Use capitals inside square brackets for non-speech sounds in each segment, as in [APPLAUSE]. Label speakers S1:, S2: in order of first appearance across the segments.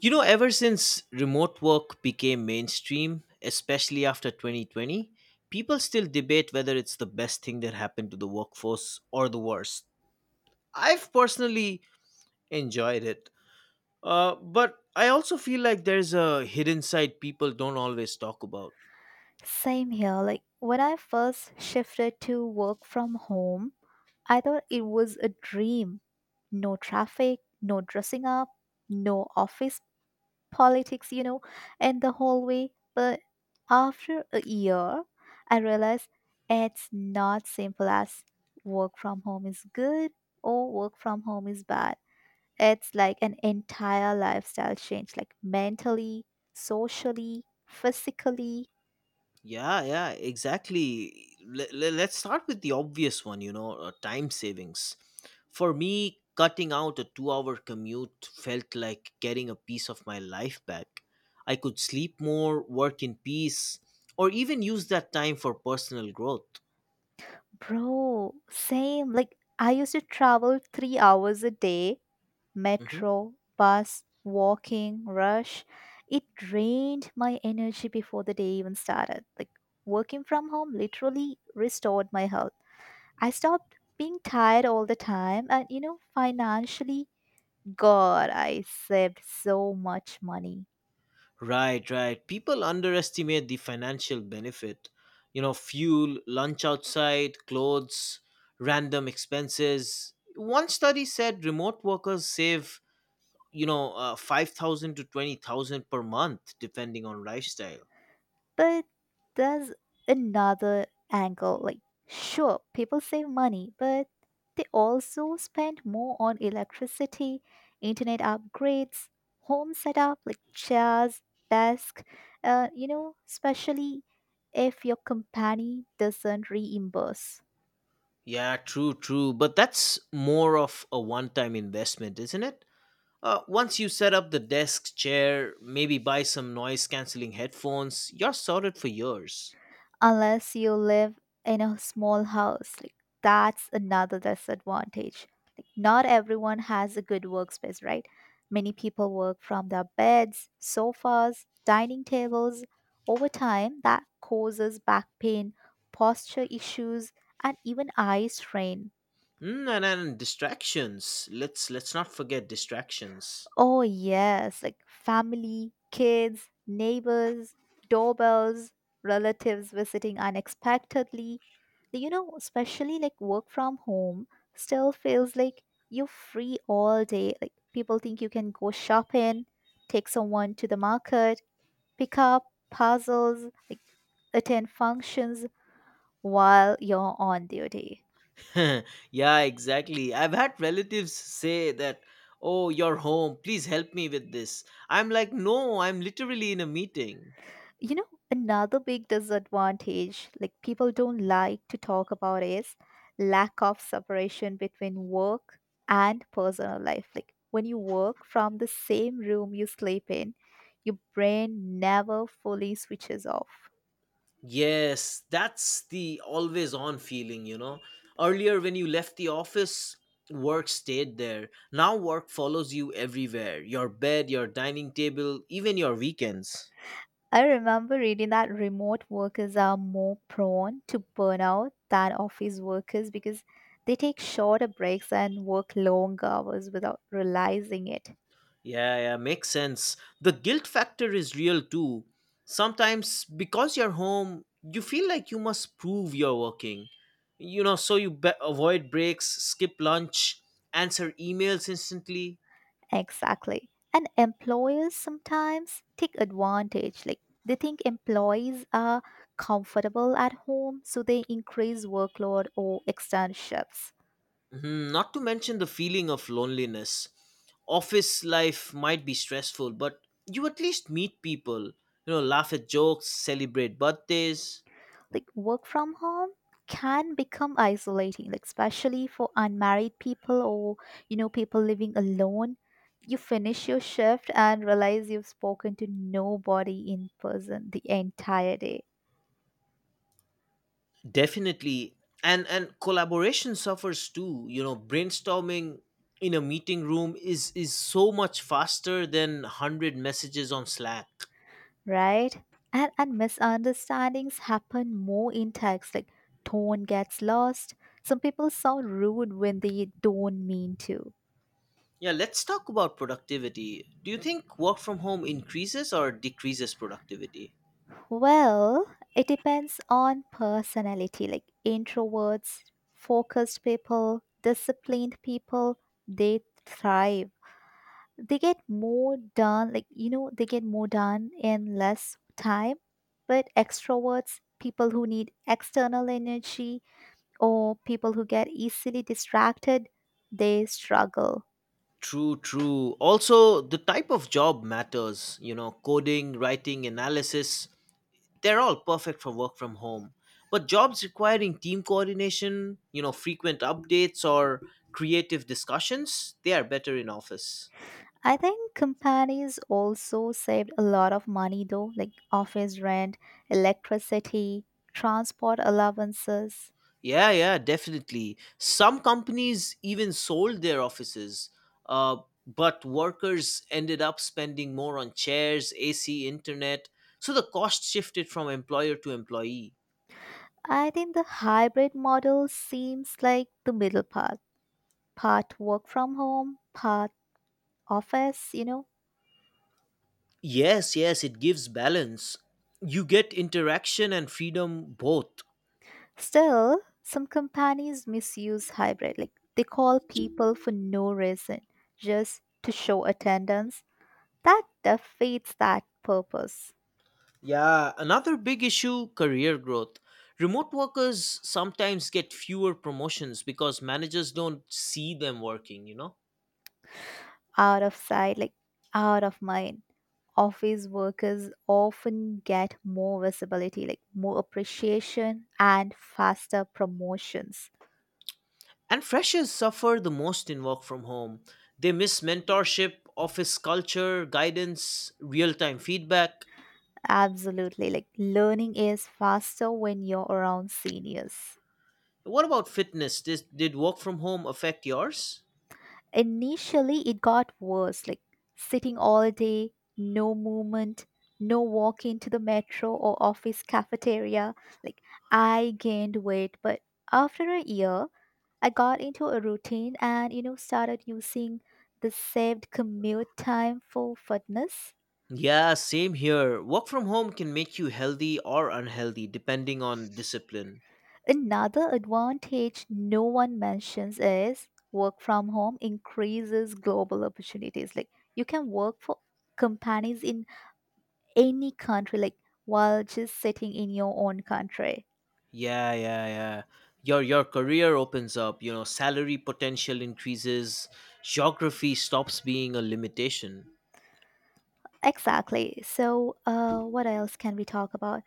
S1: You know, ever since remote work became mainstream, especially after 2020, people still debate whether it's the best thing that happened to the workforce or the worst. I've personally enjoyed it, but I also feel like there's a hidden side people don't always talk about.
S2: Same here. Like when I first shifted to work from home, I thought it was a dream. No traffic, no dressing up, no office politics, and the whole way. But after a year, I realized it's not simple as work from home is good or work from home is bad. It's like an entire lifestyle change, like mentally, socially, physically.
S1: Yeah, yeah, exactly. Let's start with the obvious one, time savings. For me, cutting out a 2-hour commute felt like getting a piece of my life back. I could sleep more, work in peace, or even use that time for personal growth.
S2: Bro, same. Like, I used to travel 3 hours a day
S1: Mhm.
S2: metro, bus, walking, rush. It drained my energy before the day even started. Like, working from home literally restored my health. I stopped being tired all the time, and financially, God, I saved so much money.
S1: Right, right. People underestimate the financial benefit. You know, fuel, lunch outside, clothes, random expenses. One study said remote workers save 5,000 to 20,000 per month depending on lifestyle.
S2: But there's another angle. Like, sure, people save money, but they also spend more on electricity, internet upgrades, home setup, like chairs, desk. Especially if your company doesn't reimburse.
S1: Yeah, true, but that's more of a one time investment, isn't it. Once you set up the desk chair, maybe buy some noise cancelling headphones, you're sorted for years.
S2: Unless you live in a small house. Like that's another disadvantage. Like not everyone has a good workspace, right? Many people work from their beds, sofas, dining tables. Over time, that causes back pain, posture issues, and even eye strain.
S1: And then distractions, let's not forget distractions.
S2: Oh, yes, like family, kids, neighbors, doorbells, relatives visiting unexpectedly. Like, especially like work from home still feels like you're free all day. Like people think you can go shopping, take someone to the market, pick up puzzles, like attend functions while you're on duty.
S1: [LAUGHS] Yeah, exactly, I've had relatives say that, oh, you're home, please help me with this, I'm like, no, I'm literally in a meeting.
S2: You know, Another big disadvantage, like people don't like to talk about, is lack of separation between work and personal life. Like when you work from the same room you sleep in, your brain never fully switches off.
S1: Yes, that's the always on feeling. Earlier, when you left the office, work stayed there. Now, work follows you everywhere, your bed, your dining table, even your weekends.
S2: I remember reading that remote workers are more prone to burnout than office workers because they take shorter breaks and work long hours without realizing it.
S1: Yeah, yeah, makes sense. The guilt factor is real too. Sometimes, because you're home, you feel like you must prove you're working. You know, so you avoid breaks, skip lunch, answer emails instantly.
S2: Exactly. And employers sometimes take advantage. Like they think employees are comfortable at home, so they increase workload or extend shifts.
S1: Mhm. Not to mention the feeling of loneliness. Office life might be stressful, but you at least meet people, laugh at jokes, celebrate birthdays.
S2: Like work from home can become isolating, like especially for unmarried people or people living alone. You finish your shift and realize you've spoken to nobody in person the entire day.
S1: Definitely. And collaboration suffers too. You know, brainstorming in a meeting room is so much faster than 100 messages on Slack.
S2: Right? And misunderstandings happen more in text, like tone gets lost. Some people sound rude when they don't mean to.
S1: Yeah, let's talk about productivity. Do you think work from home increases or decreases productivity?
S2: Well, it depends on personality, like introverts, focused people, disciplined people, they thrive. They get more done, like, they get more done in less time. But extroverts, people who need external energy, or people who get easily distracted, they struggle.
S1: True, true. Also, the type of job matters. You know, coding, writing, analysis, they're all perfect for work from home. But jobs requiring team coordination, frequent updates or creative discussions, they are better in office.
S2: I think companies also saved a lot of money though, like office rent, electricity, transport allowances.
S1: Yeah, yeah, definitely. Some companies even sold their offices, uh, but workers ended up spending more on chairs, AC, internet. So the cost shifted from employer to employee.
S2: I think the hybrid model seems like the middle path, part work from home, part office.
S1: Yes, yes, it gives balance. You get interaction and freedom both.
S2: Still, some companies misuse hybrid, like they call people for no reason, just to show attendance. That defeats that purpose.
S1: Yeah, another big issue, career growth. Remote workers sometimes get fewer promotions because managers don't see them working, you know?
S2: Out of sight, like out of mind. Office workers often get more visibility, like more appreciation and faster promotions.
S1: And freshers suffer the most in work from home. They miss mentorship, office culture, guidance, real time feedback.
S2: Absolutely. Like learning is faster when you're around seniors.
S1: What about fitness? Did work from home affect yours?
S2: Initially, it got worse, like sitting all day, no movement, no walk into the metro or office cafeteria. Like I gained weight, but after a year, I got into a routine and started using the saved commute time for fitness.
S1: Yeah, same here. Work from home can make you healthy or unhealthy depending on discipline.
S2: Another advantage no one mentions is work from home increases global opportunities. Like you can work for companies in any country, like while just sitting in your own country.
S1: Yeah, yeah, yeah. Your career opens up, salary potential increases, geography stops being a limitation.
S2: Exactly. So, what else can we talk about?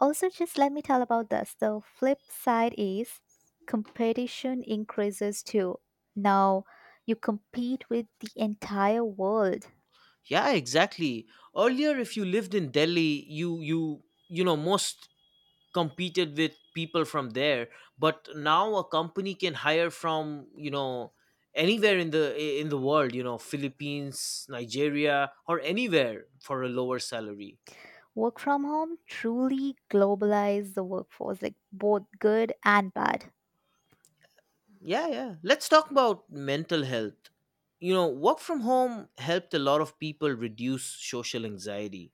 S2: Also, just let me tell about this. The flip side is competition increases too. Now you compete with the entire world.
S1: Yeah, exactly. Earlier, if you lived in Delhi, you know, most competed with people from there. But now a company can hire from anywhere in the world. Philippines, Nigeria, or anywhere, for a lower salary.
S2: Work from home truly globalized the workforce, like both good and bad.
S1: Yeah, yeah, let's talk about mental health. Work from home helped a lot of people reduce social anxiety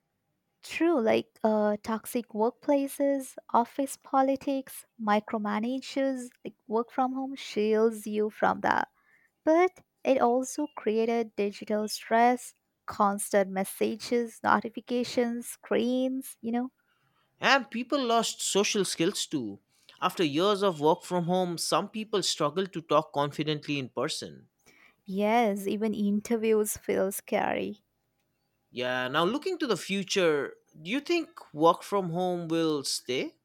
S2: True, like toxic workplaces, office politics, micromanagers, like work from home shields you from that. But it also created digital stress, constant messages, notifications, screens.
S1: and people lost social skills too. After years of work from home, some people struggle to talk confidently in person.
S2: Yes, even interviews feel scary.
S1: Yeah, now looking to the future, do you think work from home will stay?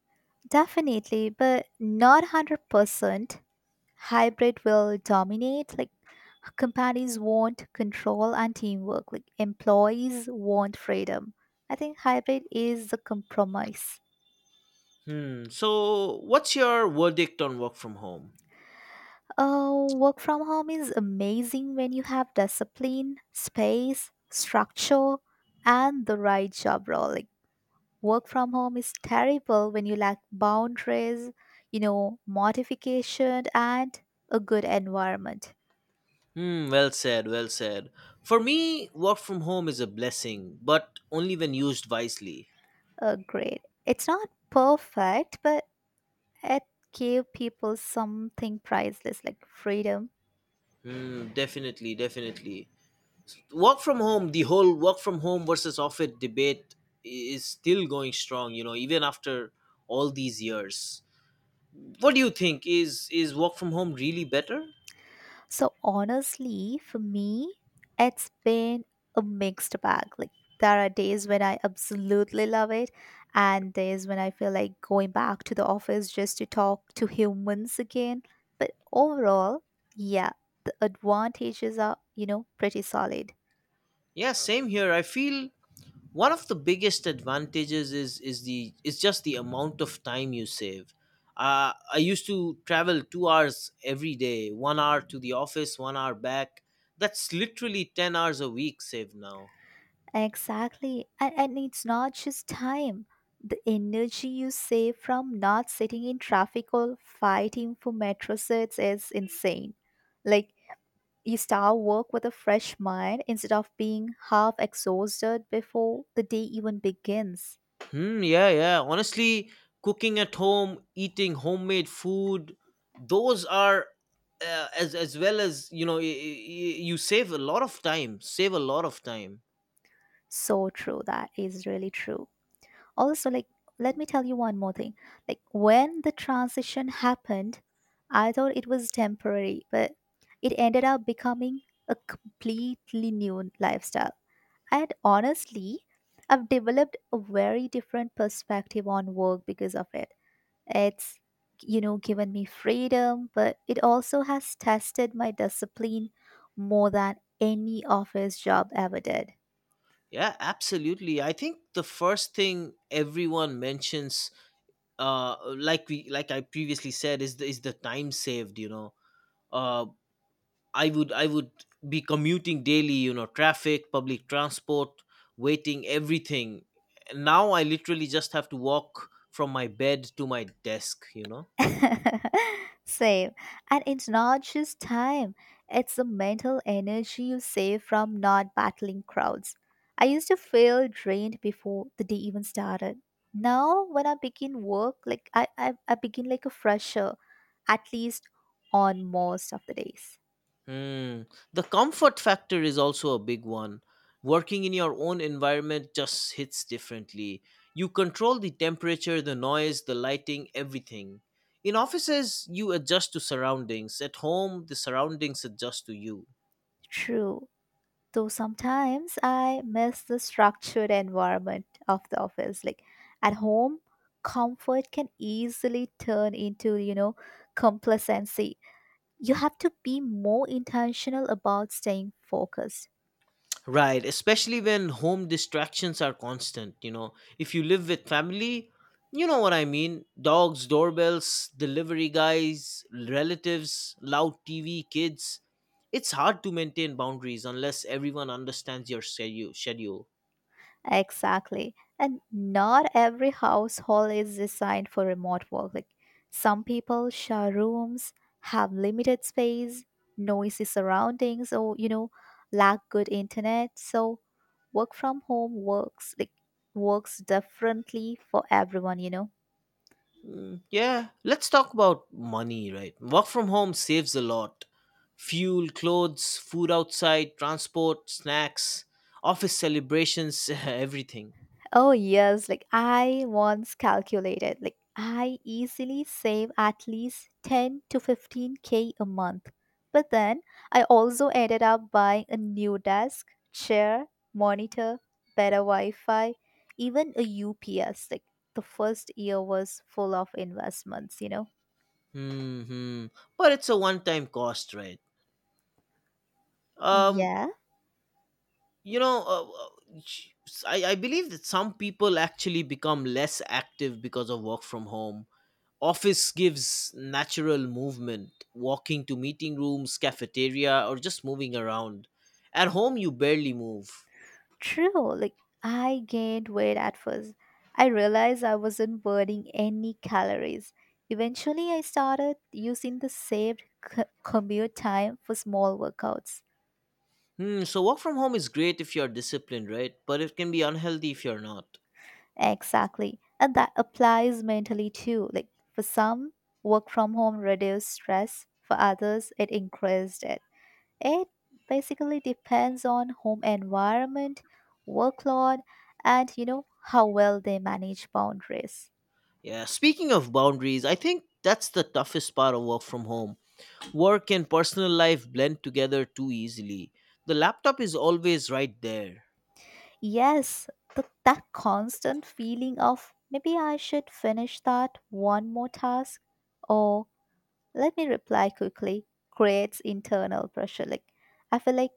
S2: Definitely, but not 100%. Hybrid will dominate. Like, companies want control and teamwork. Like, employees want freedom. I think hybrid is the compromise.
S1: Hmm. So, what's your verdict on work from home?
S2: Oh, work from home is amazing when you have discipline, space, structure, and the right job role. Like work from home is terrible when you lack boundaries, modification, and a good environment.
S1: Hmm, well said, well said. For me, work from home is a blessing, but only when used wisely.
S2: Great. It's not perfect, but it gave people something priceless like freedom.
S1: Hmm, definitely, definitely. Work from home, the whole work from home versus office debate is still going strong, you know, even after all these years. What do you think? Is work from home really better?
S2: So honestly, for me, it's been a mixed bag. Like there are days when I absolutely love it and days when I feel like going back to the office just to talk to humans again. But overall, yeah, the advantages are pretty solid.
S1: Yeah, same here. I feel one of the biggest advantages is just the amount of time you save. I used to travel 2 hours every day, 1 hour to the office, 1 hour back. That's literally 10 hours a week saved now.
S2: Exactly. And it's not just time. The energy you save from not sitting in traffic or fighting for metro sets is insane. Like you start work with a fresh mind instead of being half exhausted before the day even begins.
S1: Hmm, yeah, yeah. Honestly, cooking at home, eating homemade food, those are, as well as you save a lot of time, save a lot of time.
S2: So true. That is really true. Also, like, let me tell you one more thing. Like, when the transition happened, I thought it was temporary, but it ended up becoming a completely new lifestyle. And honestly, I've developed a very different perspective on work because of it. It's given me freedom, but it also has tested my discipline more than any office job ever did.
S1: Yeah, absolutely. I think the first thing everyone mentions, like I previously said is the time saved you know uh i would i would be commuting daily, traffic, public transport, waiting, everything. Now I literally just have to walk from my bed to my desk.
S2: [LAUGHS] Same. And it's not just time, it's the mental energy you save from not battling crowds. I used to feel drained before the day even started. Now, when I begin work, like I begin like a fresher, at least on most of the days.
S1: Hmm. The comfort factor is also a big one. Working in your own environment just hits differently. You control the temperature, the noise, the lighting, everything. In offices, you adjust to surroundings. At home, the surroundings adjust to you.
S2: True. So sometimes I miss the structured environment of the office. Like at home, comfort can easily turn into complacency. You have to be more intentional about staying focused.
S1: Right, especially when home distractions are constant. If you live with family, you know what I mean. Dogs, doorbells, delivery guys, relatives, loud TV, kids. It's hard to maintain boundaries unless everyone understands your schedule.
S2: Exactly. And not every household is designed for remote work. Like some people share rooms, have limited space, noisy surroundings, or lack good internet. So work from home works differently for everyone.
S1: Mm, yeah, let's talk about money, right? Work from home saves a lot. Fuel, clothes, food outside, transport, snacks, office celebrations, [LAUGHS] everything.
S2: Oh, yes. Like I once calculated, like I easily save at least 10 to 15K a month. But then I also ended up buying a new desk, chair, monitor, better Wi Fi, even a UPS. Like the first year was full of investments, you know?
S1: Hmm. But it's a one-time cost, right? Um,
S2: Yeah.
S1: you know, uh, uh, sh- I believe that some people actually become less active because of work from home. Office gives natural movement, walking to meeting rooms, cafeteria, or just moving around. At home, you barely move.
S2: True, like I gained weight at first. I realized I wasn't burning any calories. Eventually, I started using the saved commute time for small workouts.
S1: Hmm, so work from home is great if you're disciplined, right? But it can be unhealthy if you're not.
S2: Exactly. And that applies mentally too. Like for some, work from home reduced stress, for others, it increased it. It basically depends on home environment, workload, and you know how well they manage boundaries.
S1: Yeah. Speaking of boundaries, I think that's the toughest part of work from home. Work and personal life blend together too easily. The laptop is always right there.
S2: Yes, that constant feeling of maybe I should finish that one more task or let me reply quickly creates internal pressure. Like, I feel like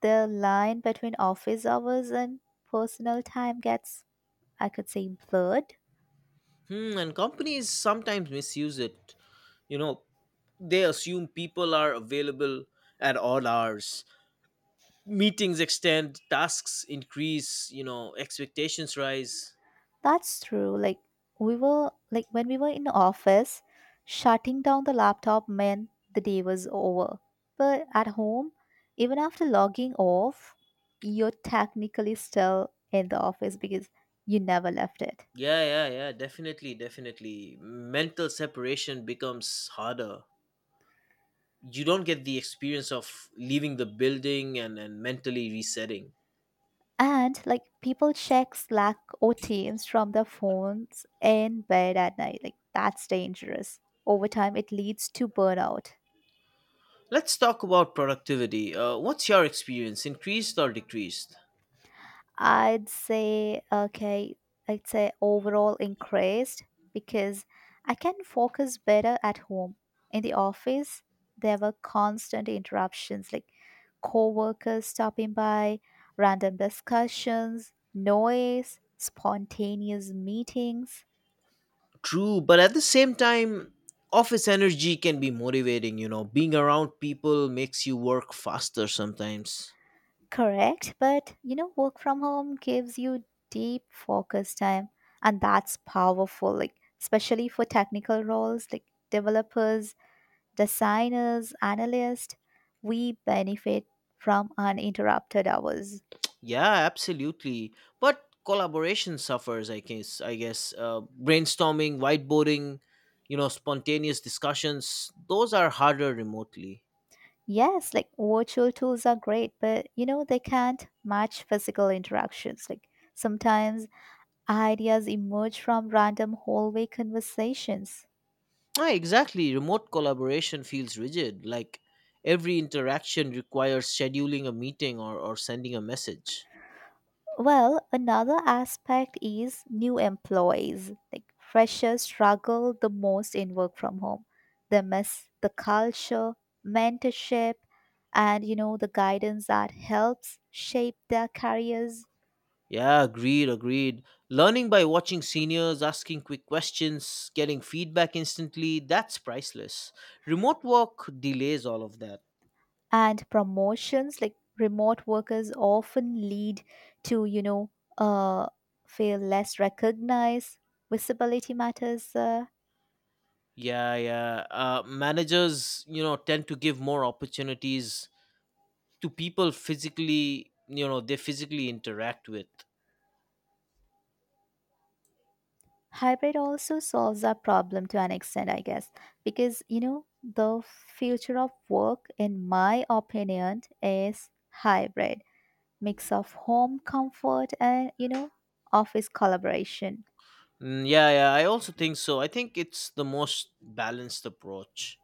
S2: the line between office hours and personal time gets, I could say, blurred.
S1: Hmm, and companies sometimes misuse it. You know, they assume people are available at all hours. Meetings extend, tasks increase, expectations rise.
S2: That's true. Like we were like when we were in office, shutting down the laptop meant the day was over. But at home, even after logging off, you're technically still in the office because you never left it.
S1: Yeah, yeah, yeah, definitely, definitely. Mental separation becomes harder. You don't get the experience of leaving the building and mentally resetting.
S2: And like people check Slack or Teams from their phones in bed at night. Like that's dangerous. Over time it leads to burnout.
S1: Let's talk about productivity. What's your experience, increased or decreased?
S2: I'd say, okay, I'd say overall increased because I can focus better at home. In the office, there were constant interruptions like coworkers stopping by, random discussions, noise, spontaneous meetings.
S1: True, but at the same time, office energy can be motivating. Being around people makes you work faster sometimes.
S2: Correct, but work from home gives you deep focus time, and that's powerful, like, especially for technical roles like developers, designers, analysts, we benefit from uninterrupted hours.
S1: Yeah, absolutely. But collaboration suffers, I guess. Brainstorming, whiteboarding, spontaneous discussions, those are harder remotely.
S2: Yes, like virtual tools are great, but they can't match physical interactions. Like sometimes ideas emerge from random hallway conversations.
S1: Ah, exactly. Remote collaboration feels rigid, like every interaction requires scheduling a meeting or sending a message.
S2: Well, another aspect is new employees. Like freshers struggle the most in work from home. They miss the culture, mentorship, and the guidance that helps shape their careers
S1: Yeah, agreed, agreed. Learning by watching seniors, asking quick questions, getting feedback instantly, that's priceless. Remote work delays all of that.
S2: and promotions. Like remote workers often lead to uh, feel less recognized. Visibility matters. Uh,
S1: Yeah, yeah. Managers, tend to give more opportunities to people physically, they physically interact with.
S2: hybrid also solves our problem to an extent, I guess, because the future of work, in my opinion, is hybrid, mix of home comfort and office collaboration.
S1: Mm, yeah, yeah, I also think so. I think it's the most balanced approach.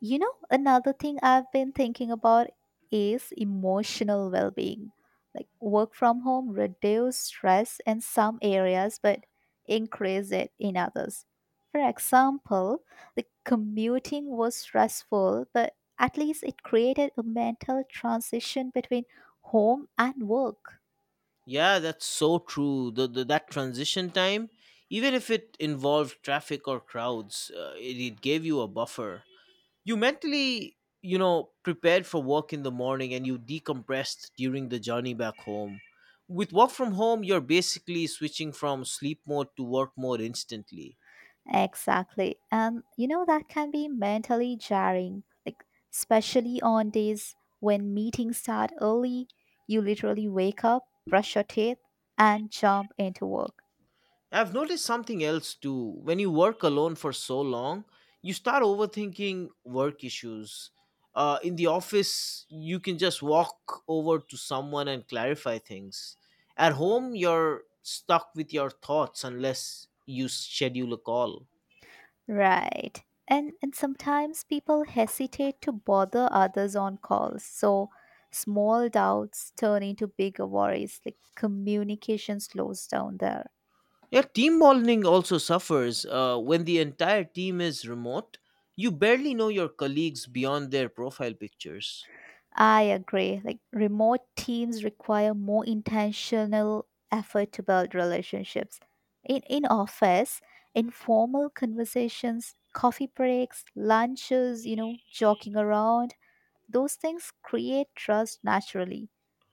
S2: Another thing I've been thinking about is emotional well being. Like work from home reduce stress in some areas but increase it in others. For example, the commuting was stressful, but at least it created a mental transition between home and work.
S1: Yeah, that's so true. The that transition time, even if it involved traffic or crowds, it gave you a buffer. You mentally, prepared for work in the morning, and you decompressed during the journey back home. With work from home, you're basically switching from sleep mode to work mode instantly.
S2: Exactly. And that can be mentally jarring, like, especially on days when meetings start early, you literally wake up, brush your teeth, and jump into work.
S1: I've noticed something else too. When you work alone for so long, you start overthinking work issues. In the office, you can just walk over to someone and clarify things. At home, you're stuck with your thoughts unless you schedule a call.
S2: Right. And sometimes people hesitate to bother others on calls. So small doubts turn into bigger worries, like communication slows down there.
S1: Yeah, team bonding also suffers. When the entire team is remote, you barely know your colleagues beyond their profile pictures.
S2: I agree. Like remote teams require more intentional effort to build relationships. In office, informal conversations, coffee breaks, lunches, joking around, those things create trust naturally.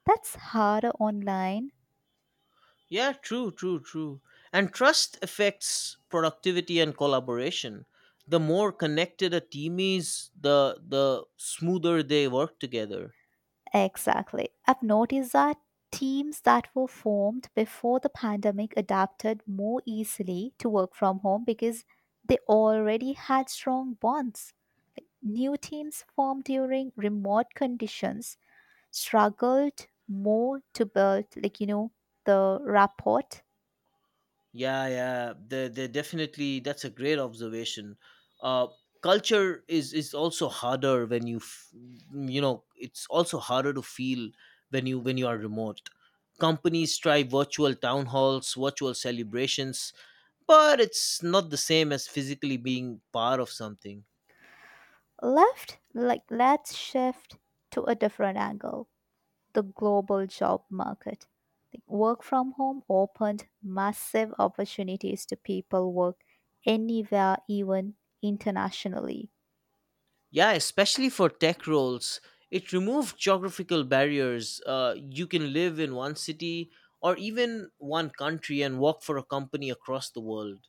S2: That's harder online.
S1: Yeah, true, true, true. And trust affects productivity and collaboration. The more connected a team is, the smoother they work together.
S2: Exactly. I've noticed that teams that were formed before the pandemic adapted more easily to work from home because they already had strong bonds. New teams formed during remote conditions struggled more to build, the rapport.
S1: Yeah, yeah, they definitely. That's a great observation. Uh, Culture is also harder when you, f- mm, you know, it's also harder to feel when you are remote. Companies try virtual town halls, virtual celebrations, but it's not the same as physically being part of something.
S2: Let's shift to a different angle, the global job market. Like, work from home opened massive opportunities to people work anywhere, even internationally.
S1: Yeah, especially for tech roles, it removed geographical barriers. You can live in one city, or even one country, and work for a company across the world.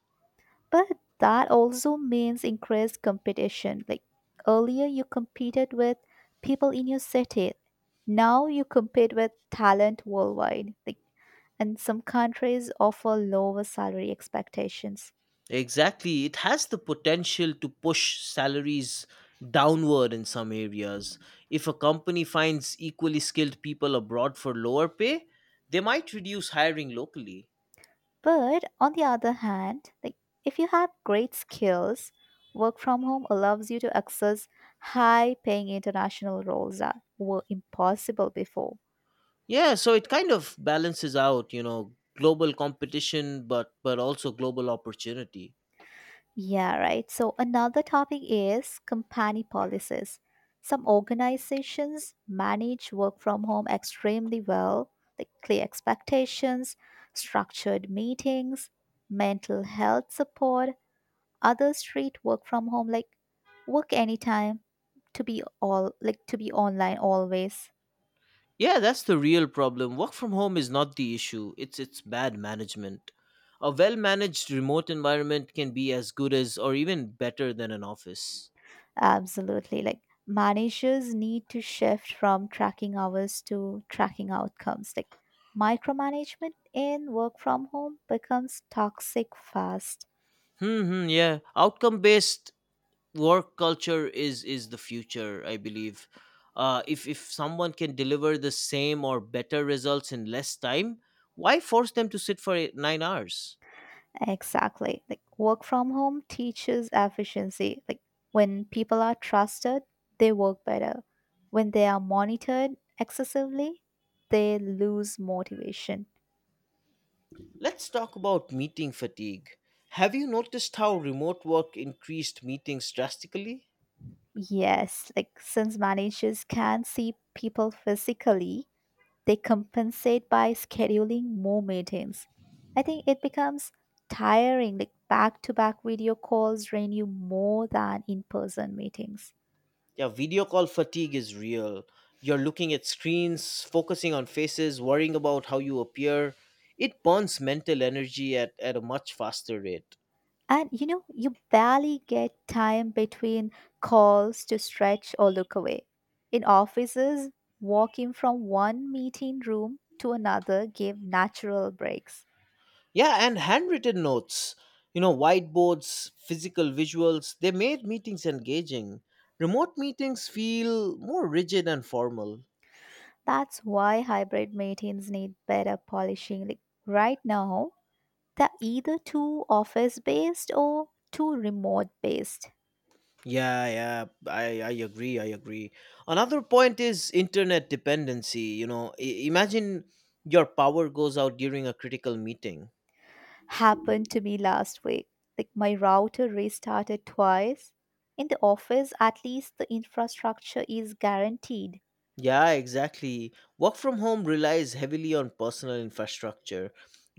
S2: But that also means increased competition. Like earlier, you competed with people in your city. Now you compete with talent worldwide. Like, and some countries offer lower salary expectations.
S1: Exactly. It has the potential to push salaries downward in some areas. If a company finds equally skilled people abroad for lower pay, they might reduce hiring locally.
S2: But on the other hand, like if you have great skills, work from home allows you to access high-paying international roles that were impossible before.
S1: Yeah, so it kind of balances out, global competition, but also global opportunity.
S2: Yeah, right. So another topic is company policies. Some organizations manage work from home extremely well, like clear expectations, structured meetings, mental health support. Others treat work from home like work anytime, to be all, like to be online always.
S1: Yeah, that's the real problem. Work from home is not the issue, it's its bad management. A well managed remote environment can be as good as or even better than an office.
S2: Absolutely. Like managers need to shift from tracking hours to tracking outcomes. Like micromanagement in work from home becomes toxic fast.
S1: Hmm, hmm, yeah. Outcome based work culture is the future, I believe. If someone can deliver the same or better results in less time, why force them to sit for eight, 9 hours?
S2: Exactly. Like work from home teaches efficiency. Like when people are trusted, they work better. When they are monitored excessively, they lose motivation.
S1: Let's talk about meeting fatigue. Have you noticed how remote work increased meetings drastically?
S2: Yes, like since managers can see people physically, they compensate by scheduling more meetings. I think it becomes tiring, like back to back video calls drain you more than in person meetings.
S1: Yeah, video call fatigue is real. You're looking at screens, focusing on faces, worrying about how you appear. It burns mental energy at a much faster rate.
S2: And you barely get time between calls to stretch or look away. In offices, walking from one meeting room to another gave natural breaks.
S1: Yeah, and handwritten notes, whiteboards, physical visuals, they made meetings engaging. Remote meetings feel more rigid and formal.
S2: That's why hybrid meetings need better polishing. Like right now, they're either too office based or too remote based.
S1: Yeah, yeah, I agree. Another point is internet dependency. You know, imagine your power goes out during a critical meeting.
S2: Happened to me last week. Like my router restarted twice. In the office, at least the infrastructure is guaranteed,
S1: Yeah, exactly. Work from home relies heavily on personal infrastructure,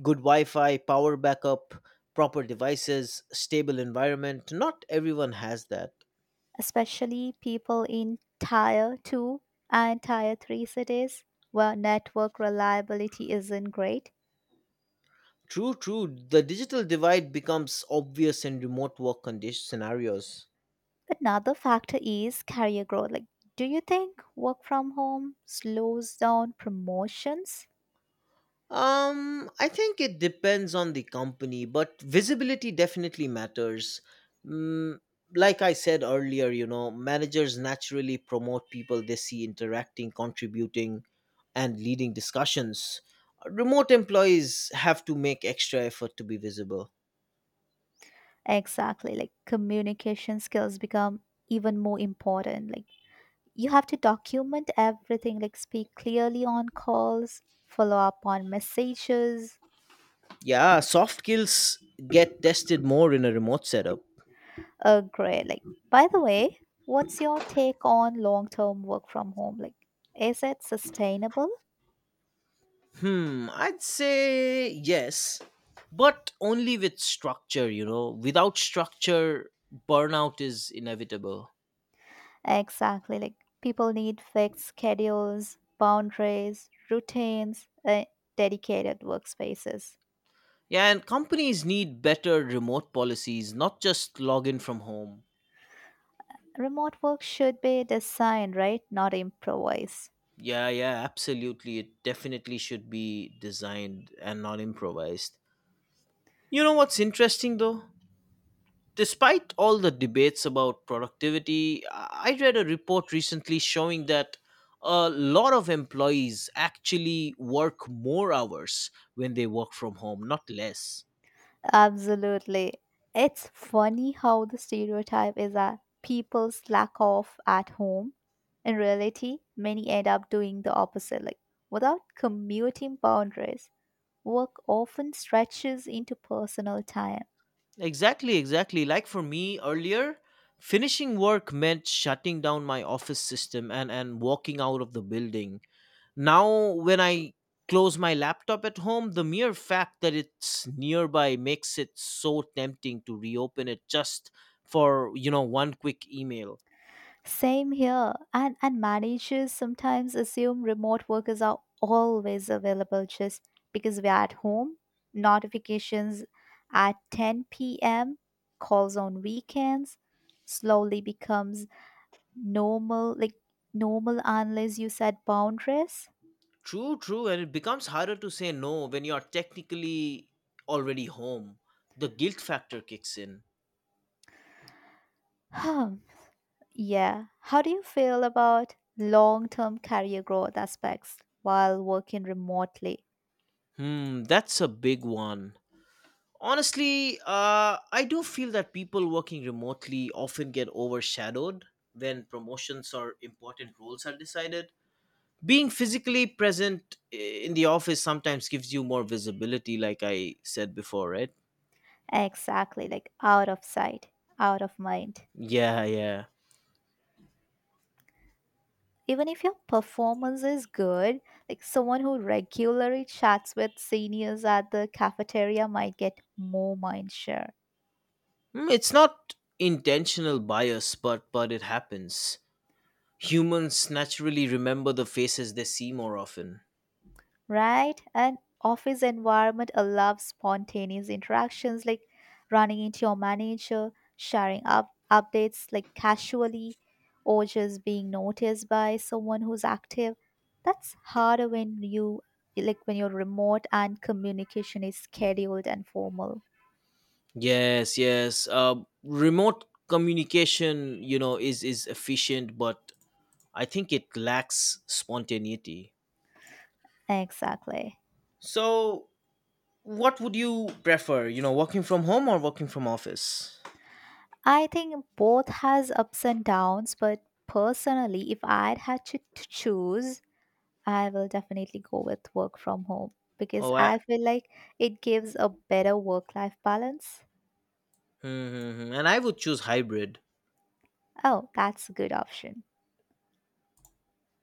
S1: good Wi Fi, power backup, proper devices, stable environment. Not everyone has that.
S2: especially people in tier 2 and tier 3 cities where network reliability isn't great.
S1: True, true. The digital divide becomes obvious in remote work condition scenarios.
S2: Another factor is career growth. Like, do you think work from home slows down promotions?
S1: I think it depends on the company, but visibility definitely matters. Mm, like I said earlier, managers naturally promote people they see interacting, contributing, and leading discussions. Remote employees have to make extra effort to be visible.
S2: Exactly. Like communication skills become even more important. Like you have to document everything, like speak clearly on calls, follow up on messages.
S1: Yeah, soft skills get tested more in a remote setup.
S2: Great. Like, by the way, what's your take on long term work from home? Like, is it sustainable?
S1: Hmm, I'd say yes, but only with structure. Without structure, burnout is inevitable.
S2: Exactly. Like people need fixed schedules, boundaries, routines, and dedicated workspaces.
S1: Yeah, and companies need better remote policies, not just login from home.
S2: Remote work should be designed, right? Not improvised.
S1: Yeah, yeah, absolutely. It definitely should be designed and not improvised. You know what's interesting though? Despite all the debates about productivity, I read a report recently showing that a lot of employees actually work more hours when they work from home, not less.
S2: Absolutely. It's funny how the stereotype is that people slack off at home. In reality, many end up doing the opposite. Like, without commuting boundaries, work often stretches into personal time.
S1: Exactly, exactly. Like for me earlier, finishing work meant shutting down my office system and walking out of the building. Now, when I close my laptop at home, the mere fact that it's nearby makes it so tempting to reopen it just for one quick email.
S2: Same here. And managers sometimes assume remote workers are always available just because we're at home. Notifications at 10 p.m., calls on weekends slowly becomes normal, like normal unless you set boundaries. [SIGHS]
S1: True, true, and it becomes harder to say no when you're technically already home. The guilt factor kicks in.
S2: Huh. Yeah. How do you feel about long-term career growth aspects while working remotely?
S1: Hmm, that's a big one. Honestly, I do feel that people working remotely often get overshadowed when promotions or important roles are decided. Being physically present in the office sometimes gives you more visibility, like I said before, right?
S2: Exactly, like out of sight, out of mind.
S1: Yeah, yeah.
S2: Even if your performance is good, like someone who regularly chats with seniors at the cafeteria might get more mind share,
S1: It's not intentional bias, but it happens. Humans naturally remember the faces they see more often.
S2: right? An office environment allows spontaneous interactions like running into your manager, sharing up updates like casually, or just being noticed by someone who's active. That's harder when you, when you're remote and communication is scheduled and formal.
S1: Yes, yes. Remote communication, is efficient, but I think it lacks spontaneity.
S2: Exactly.
S1: So what would you prefer, working from home or working from office?
S2: I think both has ups and downs, but personally, if I had to choose, I will definitely go with work from home because
S1: Oh, I.
S2: I feel like it gives a better work life balance.
S1: Mm-hmm. And I would choose hybrid.
S2: Oh, that's a good option.